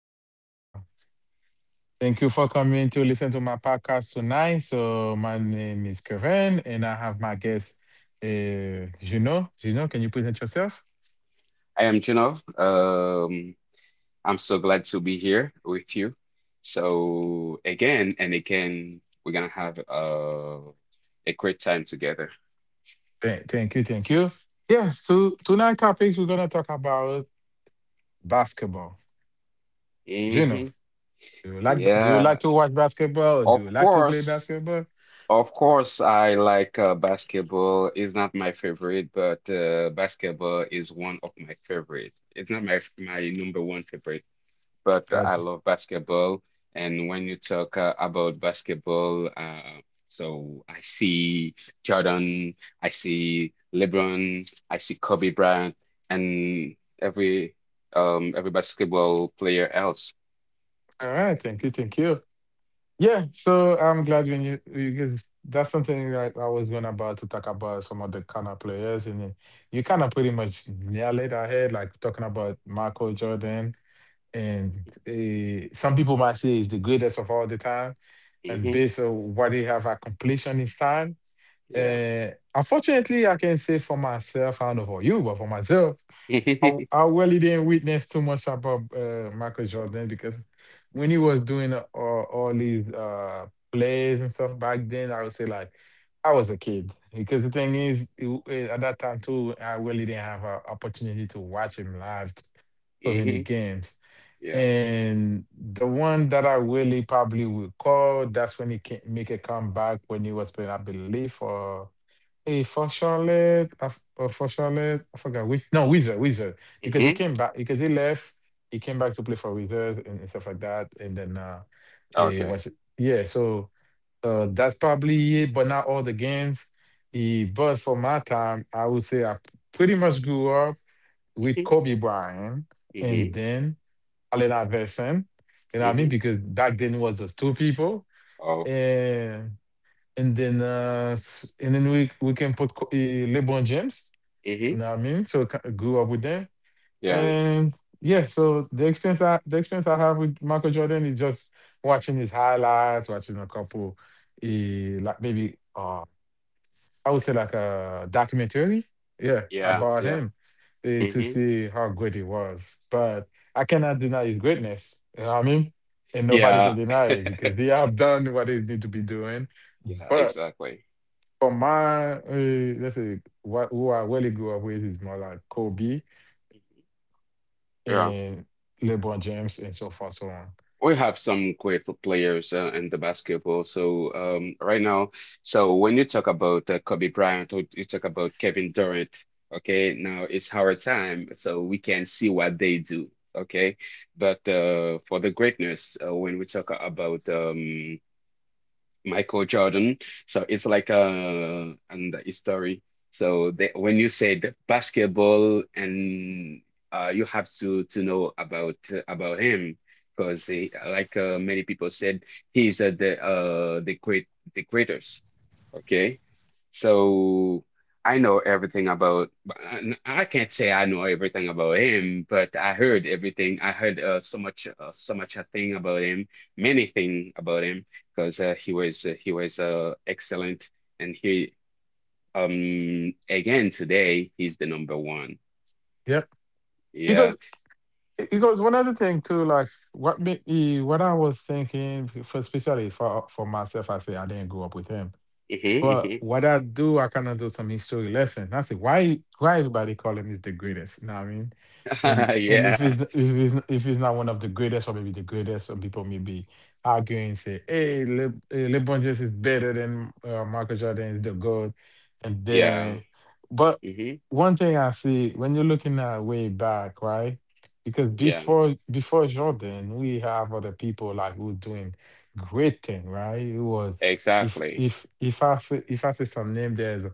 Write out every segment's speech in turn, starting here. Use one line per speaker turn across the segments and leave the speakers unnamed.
Uh, Thank you for coming to listen to my podcast tonight. So, my name is Kevin, and I have my guest, Juno. Juno, can you present yourself?
I am Juno. I'm so glad to be here with you. So again and again, we're gonna have a great time together.
Thank you, thank you. Yes, so tonight topics we're gonna talk about basketball. Juno,
Hmm.
do you like
Yeah,
to watch basketball or
of
do you like to play
course,
basketball?
of course. I like basketball. It's not my favorite, but basketball is one of my favorite. It's not my number one favorite. But I
Gotcha.
love basketball. And when you talk about basketball, so I see Jordan, I see LeBron, I see Kobe Bryant, and every basketball player else.
All right, thank you, thank you. Yeah, so I'm glad when that's something that I was going about to talk about some of the kind of players, and then you kind of pretty much nailed it ahead, like talking about Michael Jordan, and some people might say he's the greatest of all the time, and
Mm-hmm.
based on what he have accomplished on his time.
Yeah.
Unfortunately, I can say for myself, I don't know for you, but for myself. I, I really didn't witness too much about Michael Jordan because when he was doing all these plays and stuff back then, I would say like I was a kid because the thing is at that time too, I really didn't have an opportunity to watch him live so many
Hmm.
games.
Yeah.
And the one that I really probably will call, that's when he can make a comeback when he was playing, I believe, for Hey, for Charlotte, I f- for Charlotte, I forgot which. No, Wizard, because he
Hmm.
came back because he left. He came back to play for Wizard and stuff like that. And then we
Okay.
watch it. Yeah, so that's probably it, but not all the games. But for my time, I would say I pretty much grew up with
Hmm.
Kobe Bryant and
Hmm.
then Allen Iverson. You know what I mean?
Hmm.
Because back then it was just two people
Oh.
and then we can put LeBron James.
Hmm.
You know what I mean? So grew up with them,
Yeah.
and yeah. So the experience I have with Michael Jordan is just watching his highlights, watching a couple, uh, like maybe I would say like a documentary, yeah,
Yeah.
about
Yeah.
him. To
Hmm.
see how good he was, but I cannot deny his greatness. You know what I mean? And nobody can
Yeah.
deny it because they have done what they need to be doing.
Yeah.
But
Exactly.
for my, let's say what who I really grew up with is more like Kobe
Mhm. Yeah.
and LeBron James and so forth, so on.
We have some great players in the basketball. So right now, so when you talk about Kobe Bryant or you talk about Kevin Durant, okay, now it's our time, so we can see what they do, okay. But for the greatness, when we talk about Michael Jordan. So it's like a and a story. So they, when you say the basketball and you have to know about him because he, like many people said, he's the greatest. Okay, so I know everything about. But I can't say I know everything about him, but I heard everything. I heard so much so much a thing about him, many thing about him because he was excellent, and he again today he's the number one.
Yep.
Yeah.
Because one other thing too, like what I was thinking, for especially for myself, I say I didn't grow up with him. But
Hmm.
what I do, I kind of do some history lesson. I say, why everybody call him is the greatest? You know what I mean? And and if
Yeah.
it's if it's if it's not one of the greatest or maybe the greatest, some people may be arguing and say, hey, LeBron James is better than Michael Jordan is the GOAT. And
Yeah.
then, but
Hmm.
one thing I see when you're looking at way back, right? Because
Yeah.
before Jordan, we have other people like who's doing great thing, right? It was
Exactly.
if I say some name, there's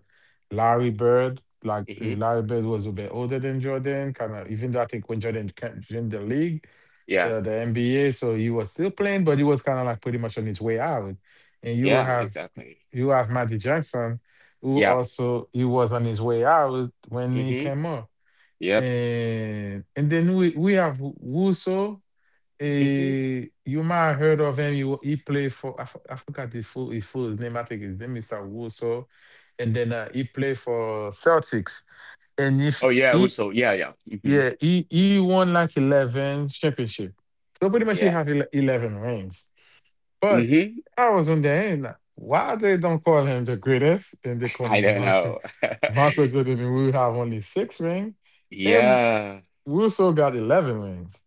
Larry Bird. Like
Hmm.
Larry Bird was a bit older than Jordan, kind of. Even though I think when Jordan joined the league,
Yeah.
the NBA, so he was still playing, but he was kind of like pretty much on his way out. And you
Yeah.
have
Exactly.
you have Magic Johnson, who
Yeah.
also he was on his way out when he
Hmm.
came up.
Yep.
And then we have Russo.
Hmm.
You might have heard of him. He played for I forgot his full name. I think his name is Awuso, and then he played for Celtics. And if
Oh yeah.
he
Also. Yeah. Yeah. Hmm.
yeah he won like 11 championship. So pretty much he
Yeah.
have 11 rings. But
Hmm.
I was wondering, hey, like, why they don't call him the greatest, and they call
I don't
Michael
know.
Michael Jordan, and we have only 6 rings, and
Yeah.
Russo got 11 rings.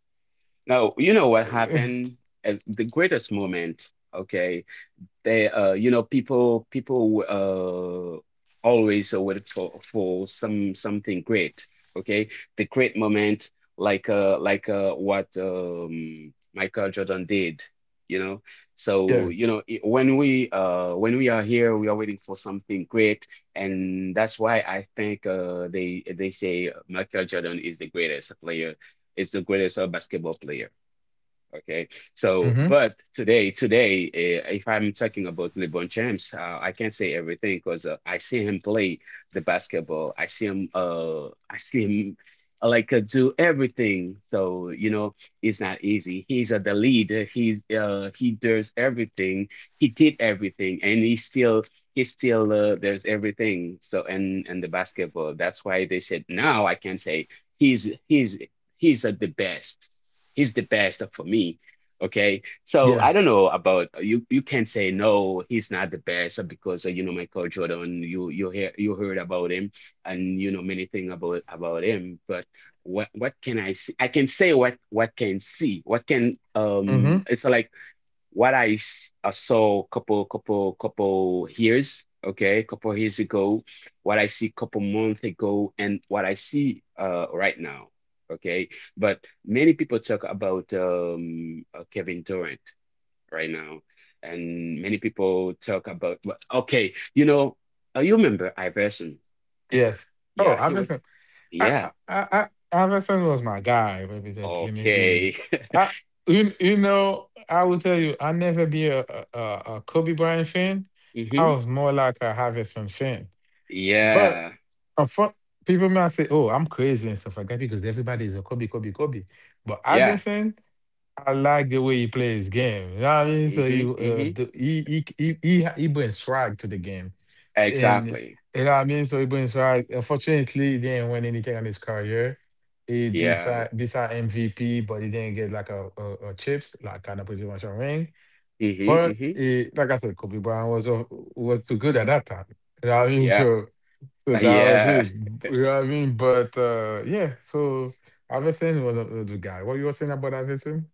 No. You know what happened? The greatest moment. Okay. They, you know, people always wait for some something great. Okay, the great moment, like what Michael Jordan did. You know,
Yeah.
so you know when we are here, we are waiting for something great, and that's why I think they say Michael Jordan is the greatest player, is the greatest basketball player. Okay, so
Hmm.
but today, today, if I'm talking about LeBron James, I can't say everything because I see him play the basketball. I see him like do everything. So you know, it's not easy. He's the lead. He does everything. He did everything, and he still does everything. So and the basketball. That's why they said now I can say he's he's he's the best. He's the best for me. Okay. So
Yeah.
I don't know about you. You can't say no, he's not the best because you know Michael Jordan. You heard about him and you know many things about him. But what can I see? I can say what can see. What can
Mm-hmm.
um? It's like what I, I saw couple years, okay, couple years ago, what I see couple months ago, and what I see right now. Okay, but many people talk about Kevin Durant right now, and many people talk about, well, okay, you know, you remember Iverson.
Yes. Oh,
Yeah, he was.
Iverson.
Yeah.
Iverson was my guy, baby. That let me get you.
Okay.
I, you know, I will tell you, I never be a Kobe Bryant fan. I
Hmm.
was more like a Iverson fan. But
Yeah.
a fun, people might say, "Oh, I'm crazy and stuff like that," because everybody is a Kobe, Kobe, Kobe. But
Yeah.
Iverson, I like the way he plays game. You know what I mean? So he,
Hmm. Hmm.
the, he brings swag to the game, and
Exactly.
you know what I mean. So he brings card. Unfortunately, he didn't win anything on his career. He
Yeah.
beside MVP, but he didn't get like a chips, like kind of pretty much a ring.
Mm-hmm.
But
Hmm.
it, like I said, Kobe Bryant was too good at that time. You know what I mean?
Yeah,
So that was
yeah,
it. You know what I mean? But yeah, so Iverson was a, was guy. What you were saying about Iverson?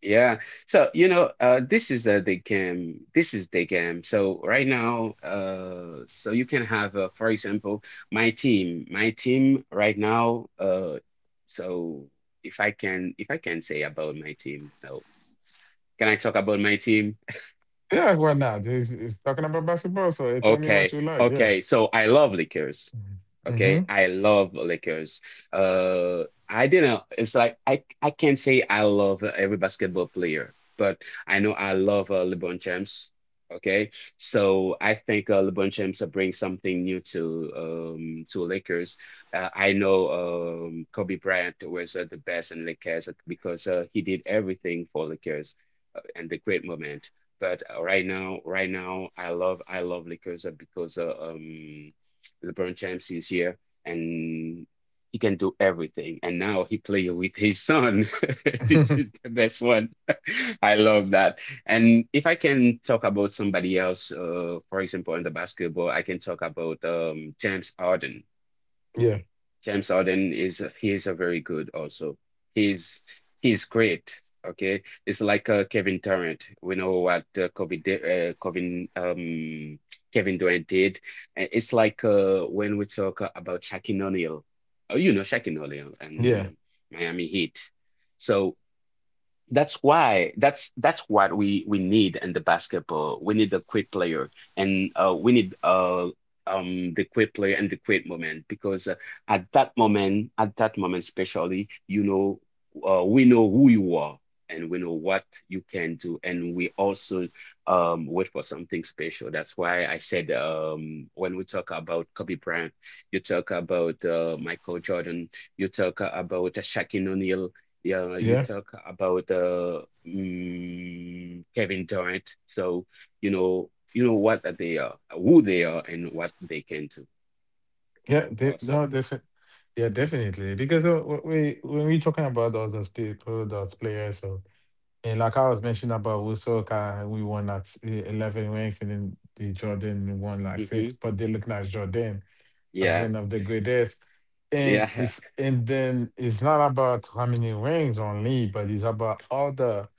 yeah. So, you know, this is the game. This is the game. So right now, so you can have, for example, my team. My team right now. So if I can say about my team, no. Can I talk about my team?
Yeah, why not? He's talking about basketball, so you tell me what
Okay,
you like. Yeah.
okay. So I love Lakers. Okay,
Mm-hmm.
I love Lakers. I didn't. It's like I can't say I love every basketball player, but I know I love LeBron James. Okay, so I think LeBron James brings something new to Lakers. I know Kobe Bryant was the best in Lakers because he did everything for Lakers, and the great moment. But right now, I love Lakers because LeBron James is here and he can do everything. And now he play with his son. This is the best one. I love that. And if I can talk about somebody else, for example, in the basketball, I can talk about James Harden.
Yeah.
James Harden is he is a very good also. He's he's great. Okay, it's like Kevin Durant. We know what Kobe di- Kevin Kevin Durant did. It's like when we talk about Shaquille O'Neal. Oh, you know Shaquille O'Neal
Yeah.
and Miami Heat. So that's why that's what we need in the basketball. We need a quick player and we need the quick player and the quick moment because at that moment, especially, you know, we know who you are and we know what you can do, and we also wait for something special. That's why I said when we talk about Kobe Bryant, you talk about Michael Jordan, you talk about Shaquille O'Neal, yeah, you
Yeah.
talk about Kevin Durant. So you know what that they are, who they are, and what they can do.
Yeah,
Also.
no, definitely. Because wh- we when we're talking about us as people, as players, so and like I was mentioning about Usoka, we won like 11 ranks, and then the Jordan won like 6.
Hmm.
But they look like Jordan as
Yeah,
one of the greatest.
yeah.
And then it's not about how many rings only, but it's about all the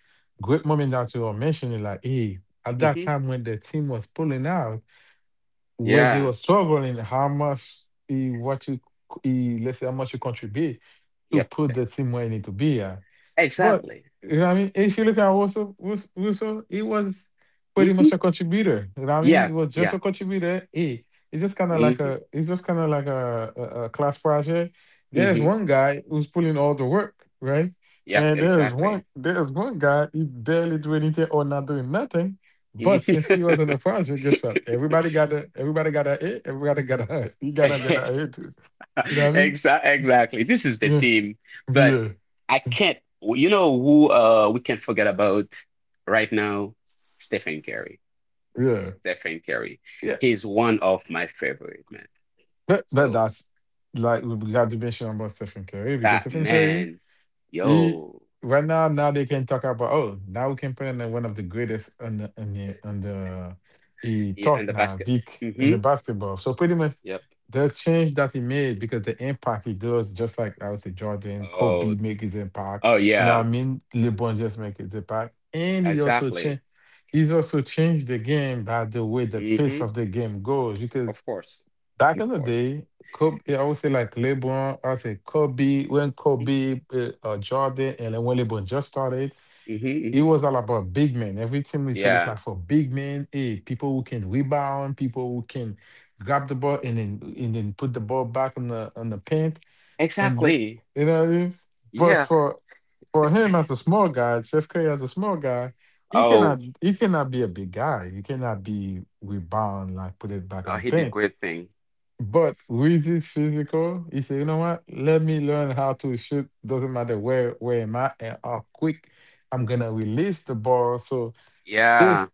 great moments that you were mentioning. Like, hey, at that
Hmm.
time when the team was pulling out where they
Yeah,
were struggling how much eh, what you c- eh, let's say how much you contribute to
yep,
put the team where it need to be at. But
exactly.
you know what I mean? If you look at Russell, Russell, he was pretty
Hmm.
much a contributor. You know what I mean?
Yeah,
He was just
yeah.
a contributor. He it's just kind of like
Hmm.
a It's just kind of like a class project. There's
Hmm.
one guy who's pulling all the work, right?
Yep,
And there's
exactly.
one there's one guy he barely do anything or not doing nothing. But
Mhm.
since he was in the project, guess what? Everybody got a A, everybody got a he gotta get a A too. You know what I
Exactly, exactly. This is the
mean?
team, but
Yeah,
I can't. You know who we can't forget about right now? Stephen Curry.
yeah,
Stephen Curry.
yeah.
He's one of my favorite man.
But
So
that's like we got to mention about Stephen Curry because
that
Stephen Curry,
man,
he
yo,
right now they can talk about, oh, now we can put in one of the greatest on the on the he
yeah, and
talk
the
now
basket.
big in the
Mm-hmm.
basketball. So pretty much
Yep.
the change that he made because the impact he does just like I would say Jordan,
Oh,
Kobe make his impact.
oh
You know
yeah,
what I mean? LeBron just make his impact, and he also
exactly.
changed. He's also changed the game by the way the pace
Mm-hmm.
of the game goes because
Of course,
back
of
in the
course.
day, Kobe, yeah, I would say like LeBron, I would say Kobe, when Kobe, Jordan, and then when LeBron just started,
Mm-hmm.
it
Mm-hmm.
was all about big men. Every team used to look
Yeah,
like for big men, hey, people who can rebound, people who can grab the ball and then put the ball back on the paint. And the,
exactly.
you know what I mean? But
Yeah.
for him as a small guy, Steph Curry as a small guy, he
Oh,
cannot he cannot be a big guy. He cannot be rebound like put it back in
oh,
the
he did
paint,
great thing.
but Luigi's physical, he said, you know what? Let me learn how to shoot. Doesn't matter where am I and how quick I'm gonna release the ball. So
Yeah,
this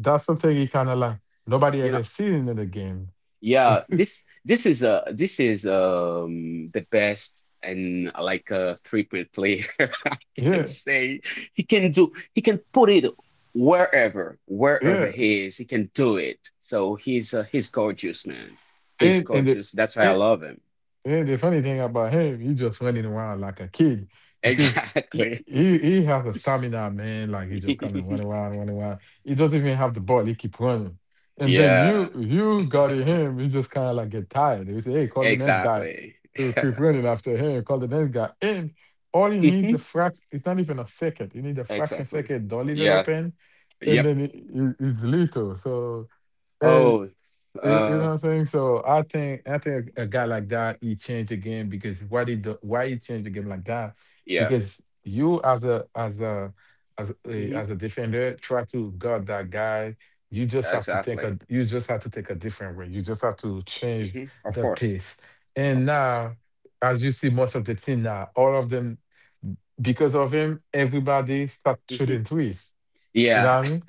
that's something he kinda like nobody
you know,
ever seen in the game.
yeah, this is the best and like a triple player. I can
Yeah,
say. He can put it wherever, wherever
yeah.
he is, he can do it. So he's gorgeous, man. He's
And and the,
gorgeous. That's why I love him.
And the funny thing about him, he just running around like a kid because he
Exactly.
he, he has a stamina, man. Like he just kind of run around, run around. He doesn't even have the ball. He keep running. And then you
Yeah,
you got him. You just kind of like get tired. You say, hey, call the next guy.
exactly.
He will keep running after him. Call the next guy. And all he needs
Hmm.
a fraction. It's not even a second. You need a fraction
Exactly.
second. Don't leave it
Yeah.
open. And
Yep.
then it's little. So. And.
Oh.
You know
uh,
what I'm saying? So I think guy like that he changed the game because why he changed the game like that?
yeah.
Because you as a
Mm-hmm.
as a defender try to guard that guy. You just have to
Exactly.
take a different way. You just have to change
Hmm. Of
the
course.
pace.
Of
And
course.
now, as you see, most of the team now, all of them because of him, everybody start
Hmm.
shooting threes. You know
Yeah.
what I mean?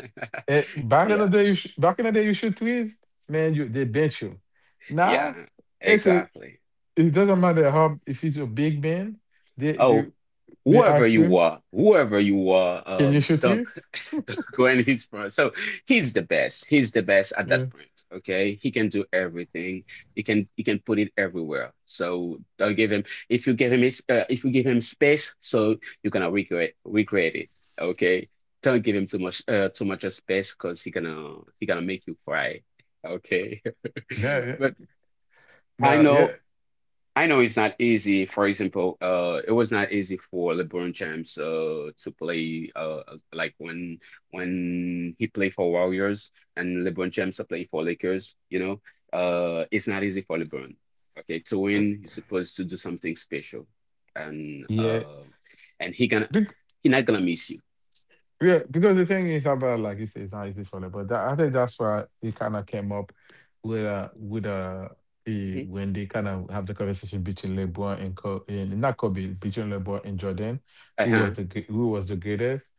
Back in the
Yeah.
day, back in the day, you shoot threes, man. You They bench you. Now
Yeah.
they say
Exactly.
it doesn't matter how if it's a big man, they they
Oh,
they ask you,
whoever you are,
can you shoot
Doug.
threes?
Doug Gwen is from. So he's the best. He's the best at
Yeah,
that point. Okay, he can do everything. He can put it everywhere. So they'll give him if you give him his if you give him space, so you're gonna recreate it. Okay, don't give him too much of space because he gonna make you cry. Okay.
yeah, yeah.
But I
Nah, yeah,
know. I know it's not easy. For example, it was not easy for LeBron James to play like when he played for Warriors and LeBron James played for Lakers. You know, it's not easy for LeBron. Okay, to win, you're supposed to do something special, and
yeah.
he gonna he not gonna miss you.
Yeah, because the thing is about like you say, it's not easy for them. But I think that's why they kind of came up with a
Hmm.
when they kind of have the conversation between LeBron and Kobe, and not Kobe, between LeBron and Jordan,
Uh-huh.
who was the greatest?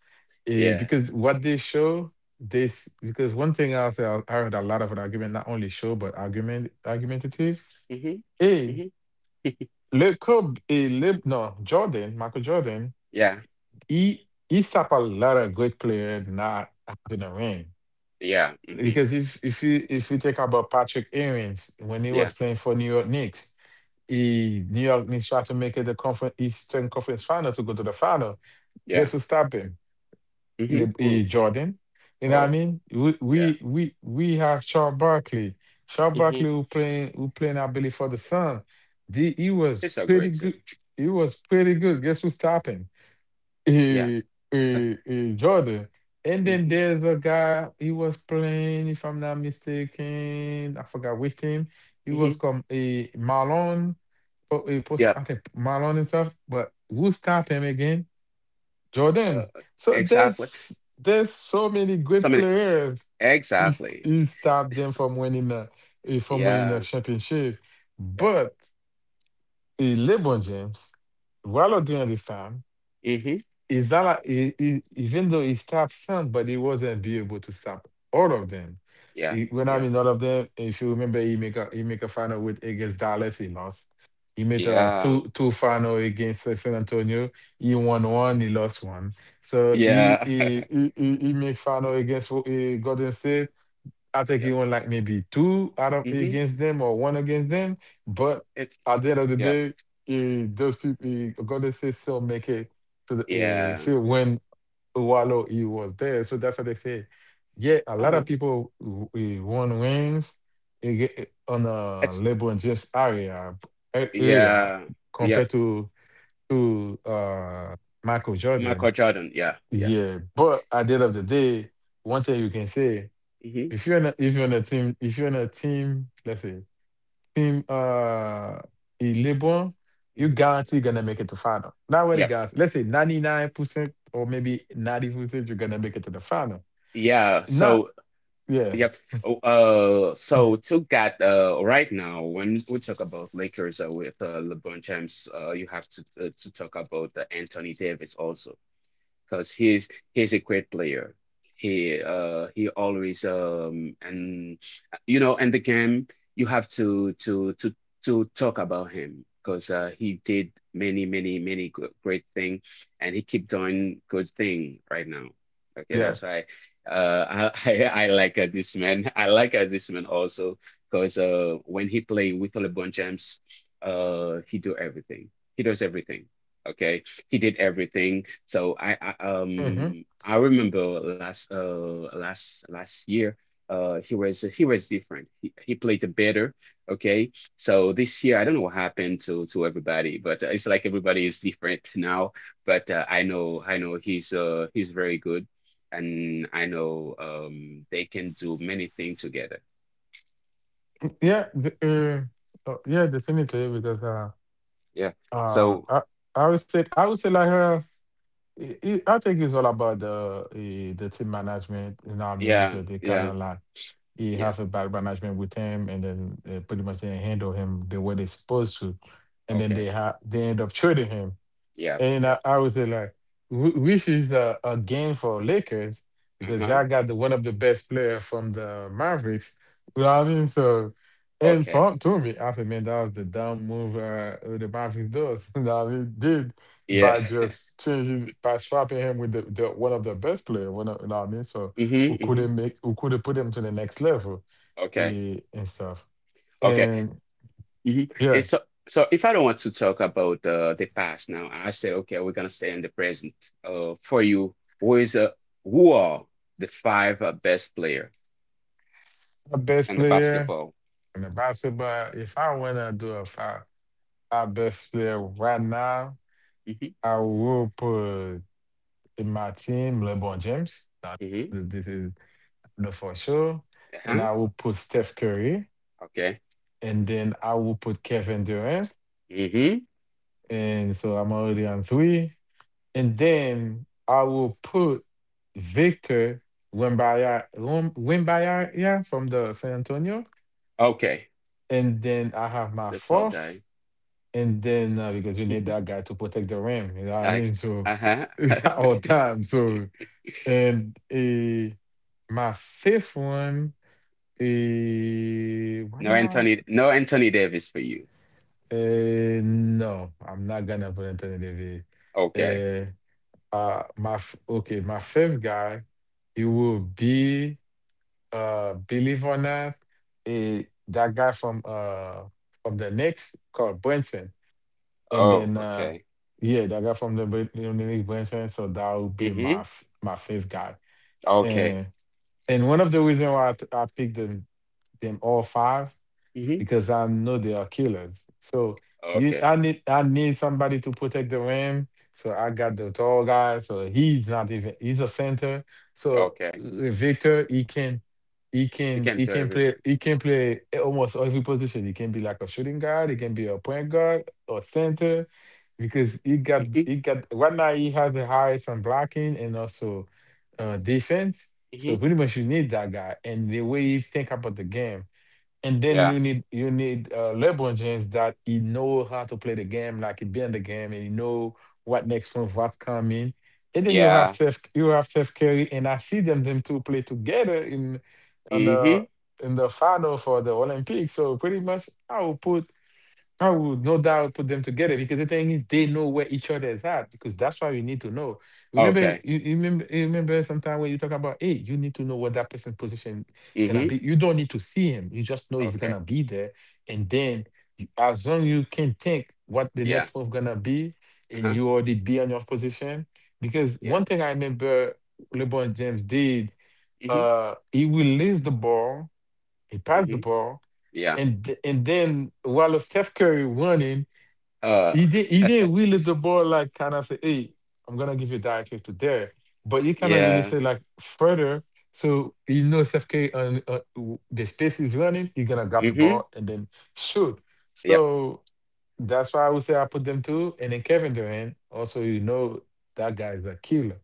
Yeah.
Because what they show this because one thing I heard a lot of an argument, not only show but argumentative.
Hmm.
Hey,
Hmm.
Le Kobe, eh, Le, no Jordan, Michael Jordan
Yeah.
he's up a lot of great player not having a ring.
Yeah. Hmm.
Because if you think about Patrick Ewings when he
Yeah.
was playing for New York Knicks, he New York Knicks tried to make it the conference Eastern Conference final to go to the final. Guess
Yeah.
who stopped him?
Hmm. Ooh.
Jordan. You know what I
Wow.
mean? We
Yeah.
we we we have Charles Barkley. Charles Barkley
Hmm.
who playing I believe for the Sun. He was
It's so
pretty
great too.
good. He was pretty good. Guess who stopped him?
Yeah.
eh, Jordan. And then
Hmm.
there's a guy he was playing, if I'm not mistaken, I forgot which team. He was
Hmm.
called a Marlon, post, I
Yep.
think Marlon and stuff. But who stopped him again?
Uh,
Jordan. So
exactly.
there's so many
So
great
many.
players.
Exactly.
He stopped them from winning a from winning a
Yeah.
championship.
Yep.
But LeBron James, while during this time.
Hmm.
Izala, even though he stopped some, but he wasn't be able to stop all of them.
Yeah.
When I
Yeah.
mean all of them, if you remember, he make a final with against Dallas, he lost. He made a
Yeah.
two two final against San Antonio. He won one, he lost one. So
Yeah.
he make final against Golden State. I think he
Yep.
won like maybe two out of
Hmm.
against them or one against them. But
It's
at the end of the
yeah.
day, those people, God say, still make it to the,
Yeah.
still when Wallo he was there. So that's what they say. Yeah, a lot of
Uh-huh.
people won wins eh, ge- eh, on
It's
LeBron James area area
yeah. Yep.
compared to to uh, Michael Jordan.
Michael Jordan. Yeah. Yeah.
Yeah, but at the end of the day, one thing you can say.
Hmm.
If you're in a, if you're in a team, let's say team Illiberal, you
Hmm.
guarantee gonna make it to final. Not really
Yep.
guarantee. Let's say 99% or maybe 90% you're gonna make it to the final.
Yeah.
Not
So
yeah,
yep. Oh. So to get right now, when we talk about Lakers with LeBron James, you have to talk about Anthony Davis also because he's a great player. He always and you know and the game you have to talk about him because he did many great thing and he keep doing good thing right now. Okay, that's
yes.
why I I like this man. I like this man also because when he play with LeBron James, he do everything. He does everything. Okay, he did everything. So
Hmm.
I remember last last year he was different. He played it better. Okay. So this year I don't know what happened to everybody, but it's like everybody is different now. But I know he's very good, and I know they can do many things together.
Yeah, the, yeah, definitely because
Yeah.
uh
So
I, I would say like I think it's all about the the team management, you know what I mean?
yeah,
So they kinda
yeah,
like he
yeah,
have a bad management with him, and then they pretty much didn't handle him the way they're supposed to, and then they
okay,
have they end up trading him.
yeah,
And
yeah,
I would say like, which is a gain for Lakers because
uh-huh,
y'all got the one of the best player from the Mavericks. You know what I mean? So, and
okay,
for to me, I said, man, that was the dumb move the Mavericks does. You know what I mean? Did
yeah.
by just changing by swapping him with the one of the best player. One of, you know what I mean? So
Mm-hmm,
who
mm-hmm.
couldn't make who could have put him to the next level
Okay.
and stuff.
Okay.
And
Mm-hmm.
yeah,
And so, so if I don't want to talk about the past now, I say, okay, we're gonna stay in the present. For you, who is who are the five best player
my best
in the
player
basketball?
in the basketball. If I wanna do a five, our best player right now,
Mm-hmm.
I will put in my team LeBron James.
Mm-hmm.
This is no for sure. And
Uh-huh.
I will put Steph Curry,
Okay.
and then I will put Kevin Durant.
Mm-hmm.
And so I'm already on three. And then I will put Victor Wembanyama from the San Antonio.
Okay.
And then I have my
The tall
fourth,
guy.
and then because you need
Mm-hmm.
that guy to protect the rim, you know what I
Alex.
mean? So
Uh-huh.
at all time. So and my fifth one, what
No
now?
Anthony, no Anthony Davis for you.
No, I'm not gonna put Anthony Davis.
Okay.
Uh, okay, my fifth guy, he will be believe or not, uh, that guy from the Knicks called Brunson. And
Oh,
then,
okay.
yeah, that guy from you know, Nick Branson, so that would be
Mm-hmm.
my fifth guy.
Okay.
And and one of the reasons why I picked them all five
Mm-hmm.
because I know they are killers. So you,
Okay.
I need somebody to protect the rim. So I got the tall guy. So he's not even he's a center. So
Okay.
Victor,
You can
he
do
can play
everything.
almost every position. He can be like a shooting guard. He can be a point guard or center because
Mhm.
he got right now he has the highest on blocking and also defense. So
Mhm.
pretty much you need that guy and the way he think about the game. And then
Yeah.
you need LeBron James that he know how to play the game, like he be in the game, and he know what next move, what's coming. And then
Yeah.
You have Steph Curry, and I see them two play together in on the
Mhm.
in the final for the Olympics. So pretty much, I would no doubt put them together because the thing is they know where each other is at because that's why you need to know. Remember,
Okay.
you remember sometime when you talk about, hey, you need to know what that person's position gonna
Mhm.
be. You don't need to see him; you just know he's gonna
Okay.
be there, and then as long you can think what the
Yeah.
next move gonna be, and
Uh-huh.
you already be on your position. Because
Yeah.
one thing I remember LeBron James did,
Mhm.
he released the ball, he passed the
Mhm.
ball,
Yeah.
and then while Steph Curry running
Uh.
he did. He didn't really the ball like kind of say, "Hey, I'm gonna give you directive to there," but he kind of really
Yeah.
say like further. So he knows FK and the space is running. He's gonna grab the
Mhm.
ball and then shoot.
Yep.
So that's why I would say I put them two, and then Kevin Durant. Also, you know that guy is a killer.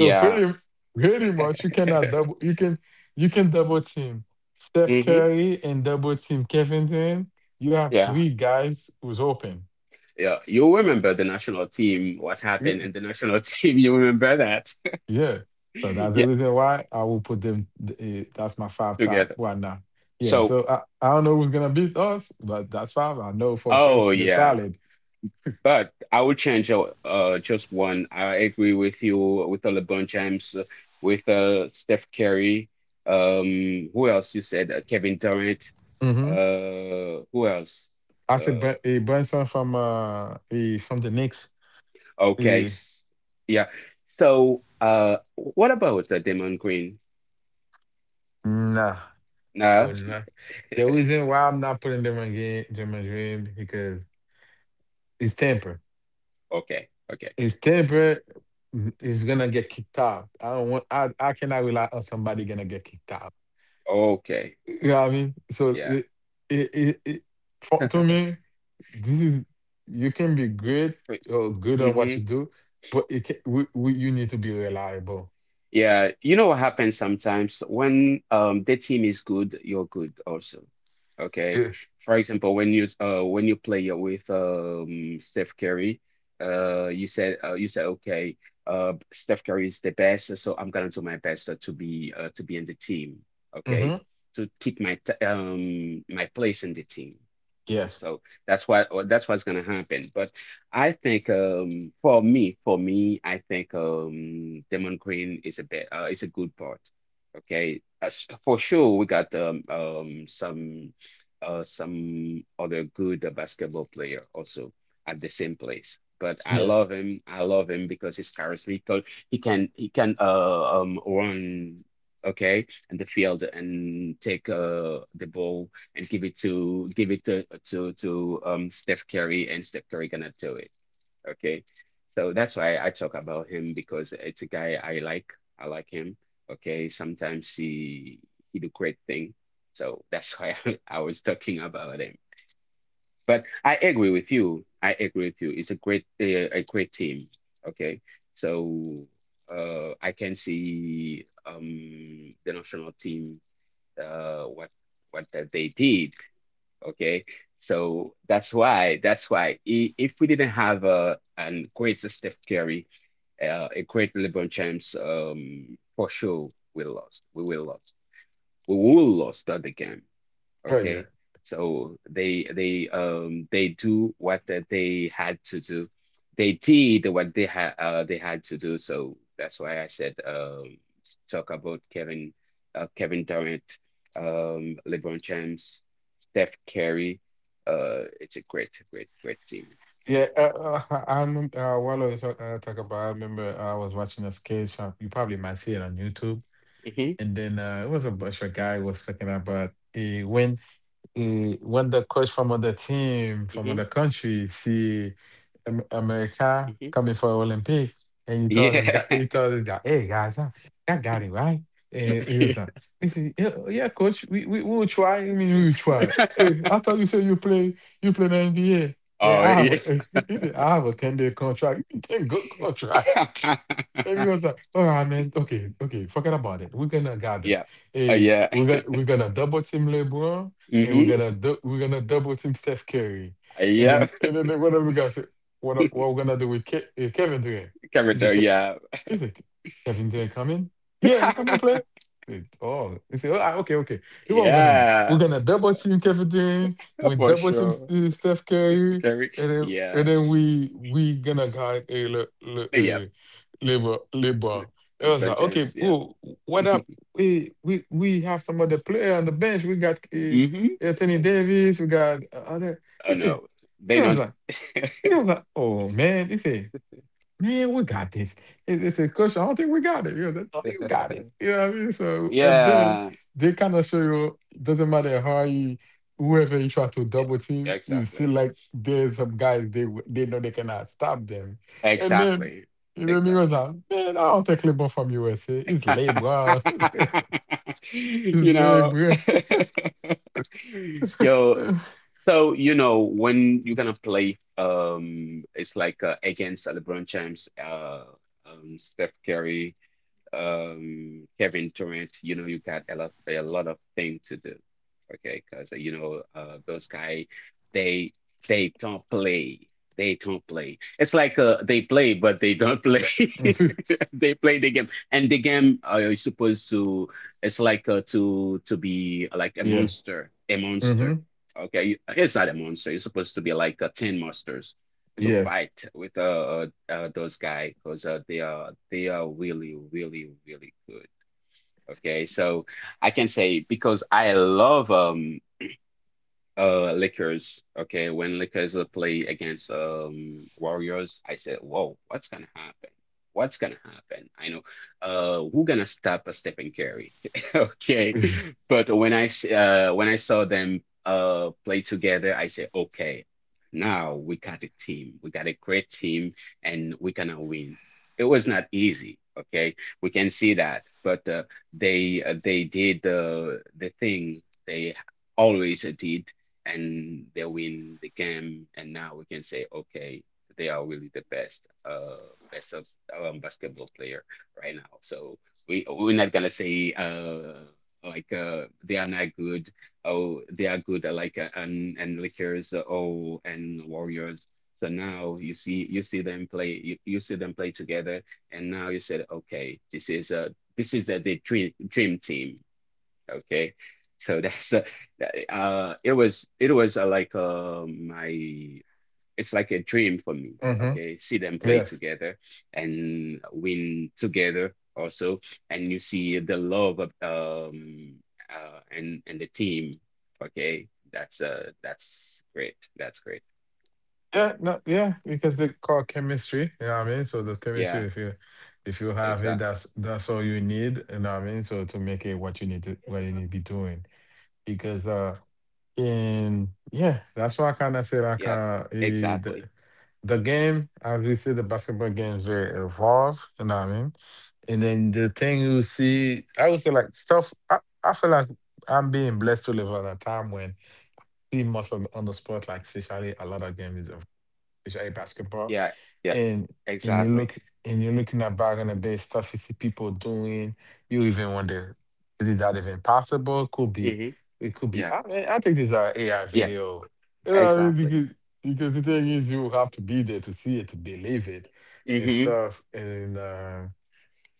So pretty much you cannot double. You can double team Steph
Mhm.
Curry and double team Kevin Durant. You have
Yeah.
three guys who's open.
Yeah. You remember the national team, what happened in the national team. You remember that.
Yeah. So that's the
Yeah,
reason why I will put them. That's my five top
together.
right now. Yeah.
So,
So I don't know who's gonna beat us, but that's five. I know for sure it's
oh
the
yeah.
solid.
But I would change just one. I agree with you with the LeBron James, with Steph Curry. Who else you said? Kevin Durant.
Mm-hmm.
Who else?
I said
Uh,
Brunson from from the Knicks.
okay,
Eh,
yeah. So, what about Damon Green?
nah. Oh
Nah.
nah. The reason why I'm not putting them again German Dream because it's temper.
Okay. Okay.
It's temper is gonna get kicked out. I don't want I cannot rely on somebody gonna get kicked out.
Okay.
Yeah, I mean? So
Yeah.
it for, to me, this is you can be great or good on what you
Mm-hmm.
do, but it can, you need to be reliable.
Yeah, you know what happens sometimes when the team is good, you're good also. Okay.
Eh,
For example, when you play with Steph Curry, you said okay, Steph Curry is the best, so I'm gonna do my best to be in the team, okay?
Mm-hmm.
To keep my t my place in the team.
Yes.
So that's what's gonna happen. But I think for me, I think Demon Queen is a bit is a good part. Okay. As, for sure we got some other good basketball player also at the same place. But I love
Yes.
him. I love him because he's charismatic. He can run okay in the field and take the ball and give it to Steph Curry, and Steph Curry gonna do it. Okay, so that's why I talk about him because it's a guy I like. I like him. Okay, sometimes he do great thing. So that's why I was talking about him. But I agree with you. I agree with you. It's a great team. Okay, so I can see the national team uh what what that they did. Okay. So that's why if we didn't have a great Steph Curry, a great LeBron James, for sure we lost. We will lost. We will lost that the game.
Right. Yeah.
Okay, so they do what that they had to do. They did what they had to do. So that's why I said talk about Kevin Kevin Durant, LeBron James, Steph Curry. It's a great team.
Yeah. I remember while I was talking about, I remember I was watching a sketch. You probably might see it on YouTube.
Hmm.
And then it was a bunch of guy was talking about uh, when when the coach from other team from
Hmm.
other country see America
Hmm.
coming for Olympic, and you told him,
Yeah.
you told him that, hey guys, I got it right, and he was like, he said, yeah, yeah, coach, we will try. I mean, we will try. "Eh, I thought you said you play in the NBA. Yeah,
Oh
I
yeah.
have, he said, I have a 10-day contract. 10 good contract. Everyone's like, oh, I meant okay, okay, forget about it. We're gonna guard him.
Yeah.
Hey,
Yeah.
we're gonna double team LeBron, and we're
Mm-hmm.
gonna double team Steph Curry.
Yeah.
One of the guys said, what we're gonna do with Kevin Durant?
Kevin
Is it?
Durant. Yeah.
He's like, Kevin didn't come in? Yeah, he come and play. Said, oh, he said, okay, okay. Here's what we're gonna do. We're
Yeah,
gonna double team Kevin Durant. We
for
double team
sure.
Steph Curry,
Carrie,
and then
yeah,
we gonna guard a
yeah,
labor labor. I was like,
LeBron
okay,
James, yeah.
cool. What up? We have some other player on the bench. We got
Mm-hmm.
Anthony Davis. We got other. He
Oh
said,
no, they
he was
not.
like, he was like, oh man. He said, man, we got this. It's a question. I don't think we got it. You know, that's all you got it. You know what I mean? So, and then
Yeah,
they kind of show you, doesn't matter how you, whoever you try to
yeah,
double
yeah,
team, you see
exactly,
like there's some guys they know they cannot stop them. And then,
exactly,
you know, me was
exactly.
like, man, I don't take LeBron from USA. It's LeBron. it's
You know,
LeBron.
yo, so, you know, when you're gonna play, it's like against LeBron James, Steph Curry, Kevin Durant, you know, you got a lot of things to do. Okay, because you know, those guys they they don't play. They don't play. It's like they play, but they don't play. They play the game, and the game is supposed to. It's like to be like
yeah.
a
Mm-hmm.
monster. Okay, you- it's not a monster. It's supposed to be like ten monsters to
Yes.
fight with those guys because they are really good. Okay, so I can say because I love Lakers. Okay, when Lakers play against Warriors, I said, "Whoa, what's gonna happen? What's gonna happen?" I know, who gonna stop a Stephen Curry? Okay, but when when I saw them play together, I said, "Okay, now we got a team. We got a great team, and we gonna win." It was not easy. Okay, we can see that, but they did the thing they always did and they win the game. And now we can say, okay, they are really the best, best of basketball player right now. So we're not gonna say they are not good. Oh, they are good and Lakers. Uh, oh, and Warriors. So now you see them play you see them play together, and now you said, okay, this is a the dream team. Okay. So it was like my it's like a dream for me.
Mm-hmm.
Okay. See them play
Yes.
together and win together also. And you see the love of and the team. Okay. That's great. That's great.
Yeah, no, yeah, because they call chemistry, you know what I mean? So the
Yeah,
chemistry, if you have it,
exactly.
that's all you need, you know what I mean? So to make it what you need to be doing. Because uh that's why I kinda say like
Yeah,
the
exactly.
the game, as we see the basketball games they evolve, you know what I mean? And then the thing you see, I would say like stuff I feel like I'm being blessed to live at a time when see most of on the sport, like especially a lot of games is which I basketball,
Yeah, yeah,
and and you
exactly.
look and you're looking at back on the base stuff you see people doing, you even wonder, is that even possible? Could be,
Mm-hmm.
it could be.
Yeah,
I mean, I think these are AI
yeah,
video. You know what I mean,
exactly.
because the thing is, you have to be there to see it, to believe it, and
Mm-hmm.
stuff, and.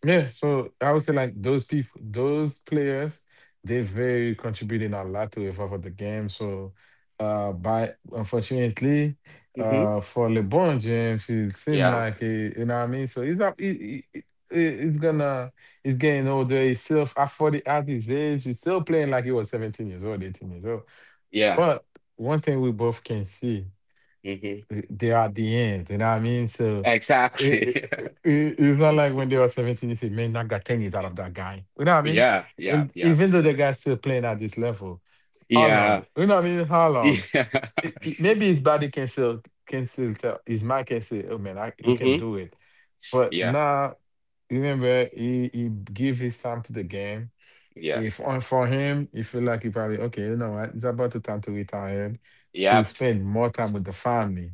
Yeah, so I would say like those people, those players, they're very contributing a lot to evolve of the game. So, by unfortunately,
Mm-hmm.
for LeBron James, it seemed
Yeah.
like he, you know what I mean. So he's up, he's gonna, he's getting older. He's still at 40 at his age, he's still playing like he was 17 years old, 18 years old.
Yeah.
But one thing we both can see
Hmm.
they are at the end. You know what I mean? So it,
Exactly.
it, it- it's not like when they were 17, you say, man, I got 10 years out of that guy. You know what I mean?
Yeah. Yeah.
And
Yeah.
even though the guy's still playing at this level, how long?
Yeah.
You know what I mean? How long?
Yeah.
Maybe his body can still tell his mind can say, oh man, I, you can
Hmm.
do it. But
Yeah.
now, remember, he give his time to the game
Yeah.
if on for him, he feel like he probably okay, you know what? It's about the time to retire to
Yep.
spend more time with the family.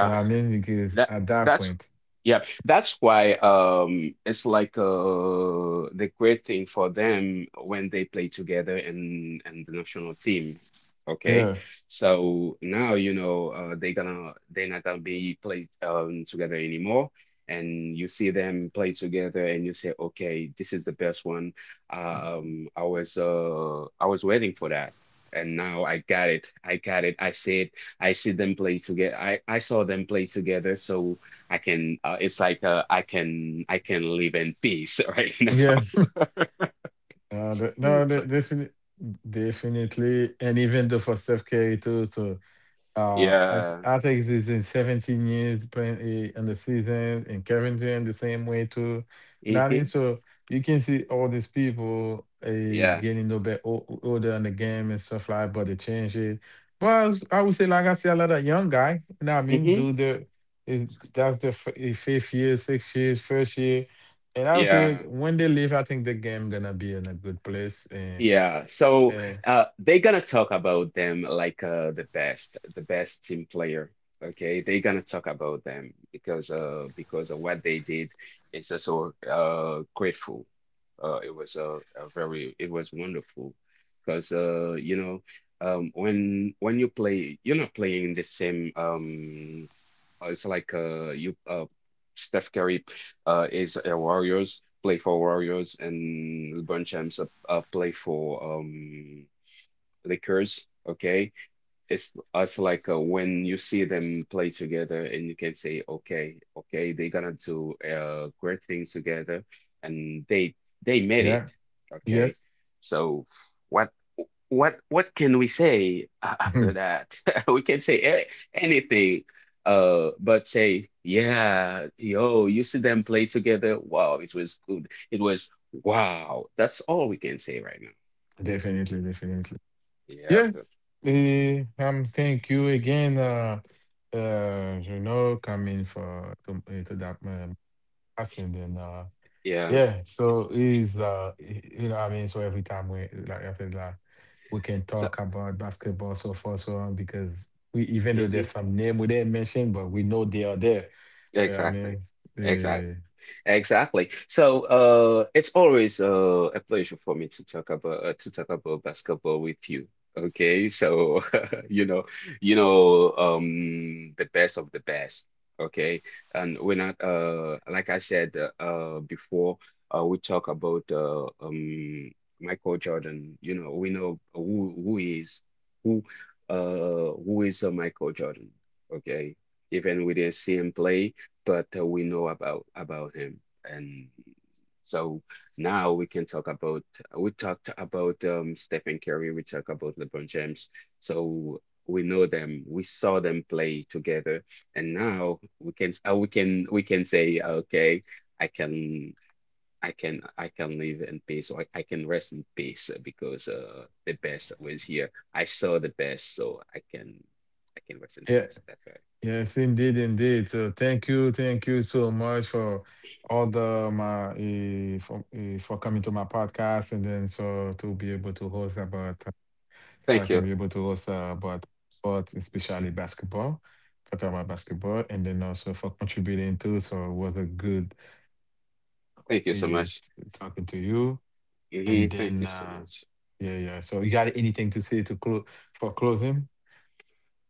You know what I mean? Because
That
at that
that's
point,
yeah, that's why it's like the great thing for them when they play together and the national team. Okay.
yes,
So now you know they're not gonna be played together anymore. And you see them play together and you say, okay, this is the best one. I was waiting for that. And now I got it. I got it. I see it. I see them play together. I saw them play together, so I can. It's like I can live in peace right now.
yeah, no, the, no, the,
So
definitely, definitely, and even though for self care too. So
yeah,
I think it's in 17 years playing a, in the season, and Kevin Durant the same way too. You know what I mean?
hmm
So you can see all these people
yeah,
getting a little bit older in the game and stuff like, but they change it. I would say, like I said, a lot of young guy. You know what I mean?
hmm
Do the is- that's the fifth year, sixth year, first year, and I would say
yeah.
when they leave, I think the game gonna be in a good place. And
Yeah, so
uh,
they're gonna talk about them like the best team player. Okay, they're gonna talk about them because of what they did. It's just so grateful. It was a very it was wonderful because you know when you play you're not playing the same it's like you Steph Curry is a Warriors play for Warriors and LeBron James play for Lakers. Okay, it's like when you see them play together and you can say okay okay they're gonna do great things together and they made
yeah,
it okay
yes,
so what what can we say after that we can say a- anything but say yeah yo you see them play together wow it was good it was wow that's all we can say right now
definitely, definitely.
yeah
Yeah, thank you again, you know, coming for to, to that passing and
yeah
yeah. So is you know, what I mean, so every time we like after that, we can
so
talk about basketball so far so on because we even though there's
mhm.
some name we didn't mention, but we know they are there. Yeah, I
Exactly.
mean,
Exactly.
uh,
Exactly. So, it's always a pleasure for me to talk about basketball with you. Okay. So, you know, you know, the best of the best. Okay. And we're not like I said before, we talk about Michael Jordan. You know, we know who he is who who is Michael Jordan. Okay. Even we didn't see him play but we know about him and so now we talked about Stephen Curry, we talked about LeBron James, so we know them, we saw them play together, and now we can we can say okay I can I can live in peace or can rest in peace because the best was here I saw the best so I can rest in
yeah.
peace that's right
Yes, indeed, indeed. So thank you so much for all the my for coming to my podcast and then so to be able to host about so I
thank
can be
you
able to host about sports, especially basketball, talk about basketball, and then also for contributing too. So it was a good
thank you so
eh,
much.
talking to you. And
Mhm. Thank
then
you so much.
yeah, yeah. So you got anything to say to close for closing?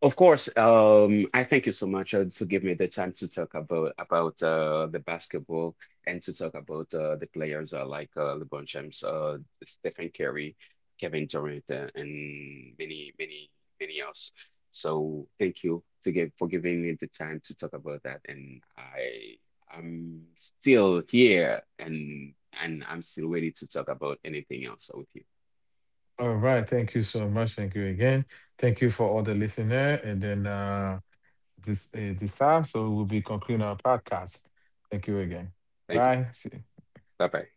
Of course, I thank you so much to give me the time to talk about the basketball and to talk about the players like LeBron James, Stephen Curry, Kevin Durant, and many else. So thank you to give for giving me the time to talk about that. And I'm still here and I'm still ready to talk about anything else with you.
All right, thank you so much. Thank you again. Thank you for all the listener. And then this time, so we'll be concluding our podcast. Thank you again.
Thank you.
Bye. See-
Bye bye.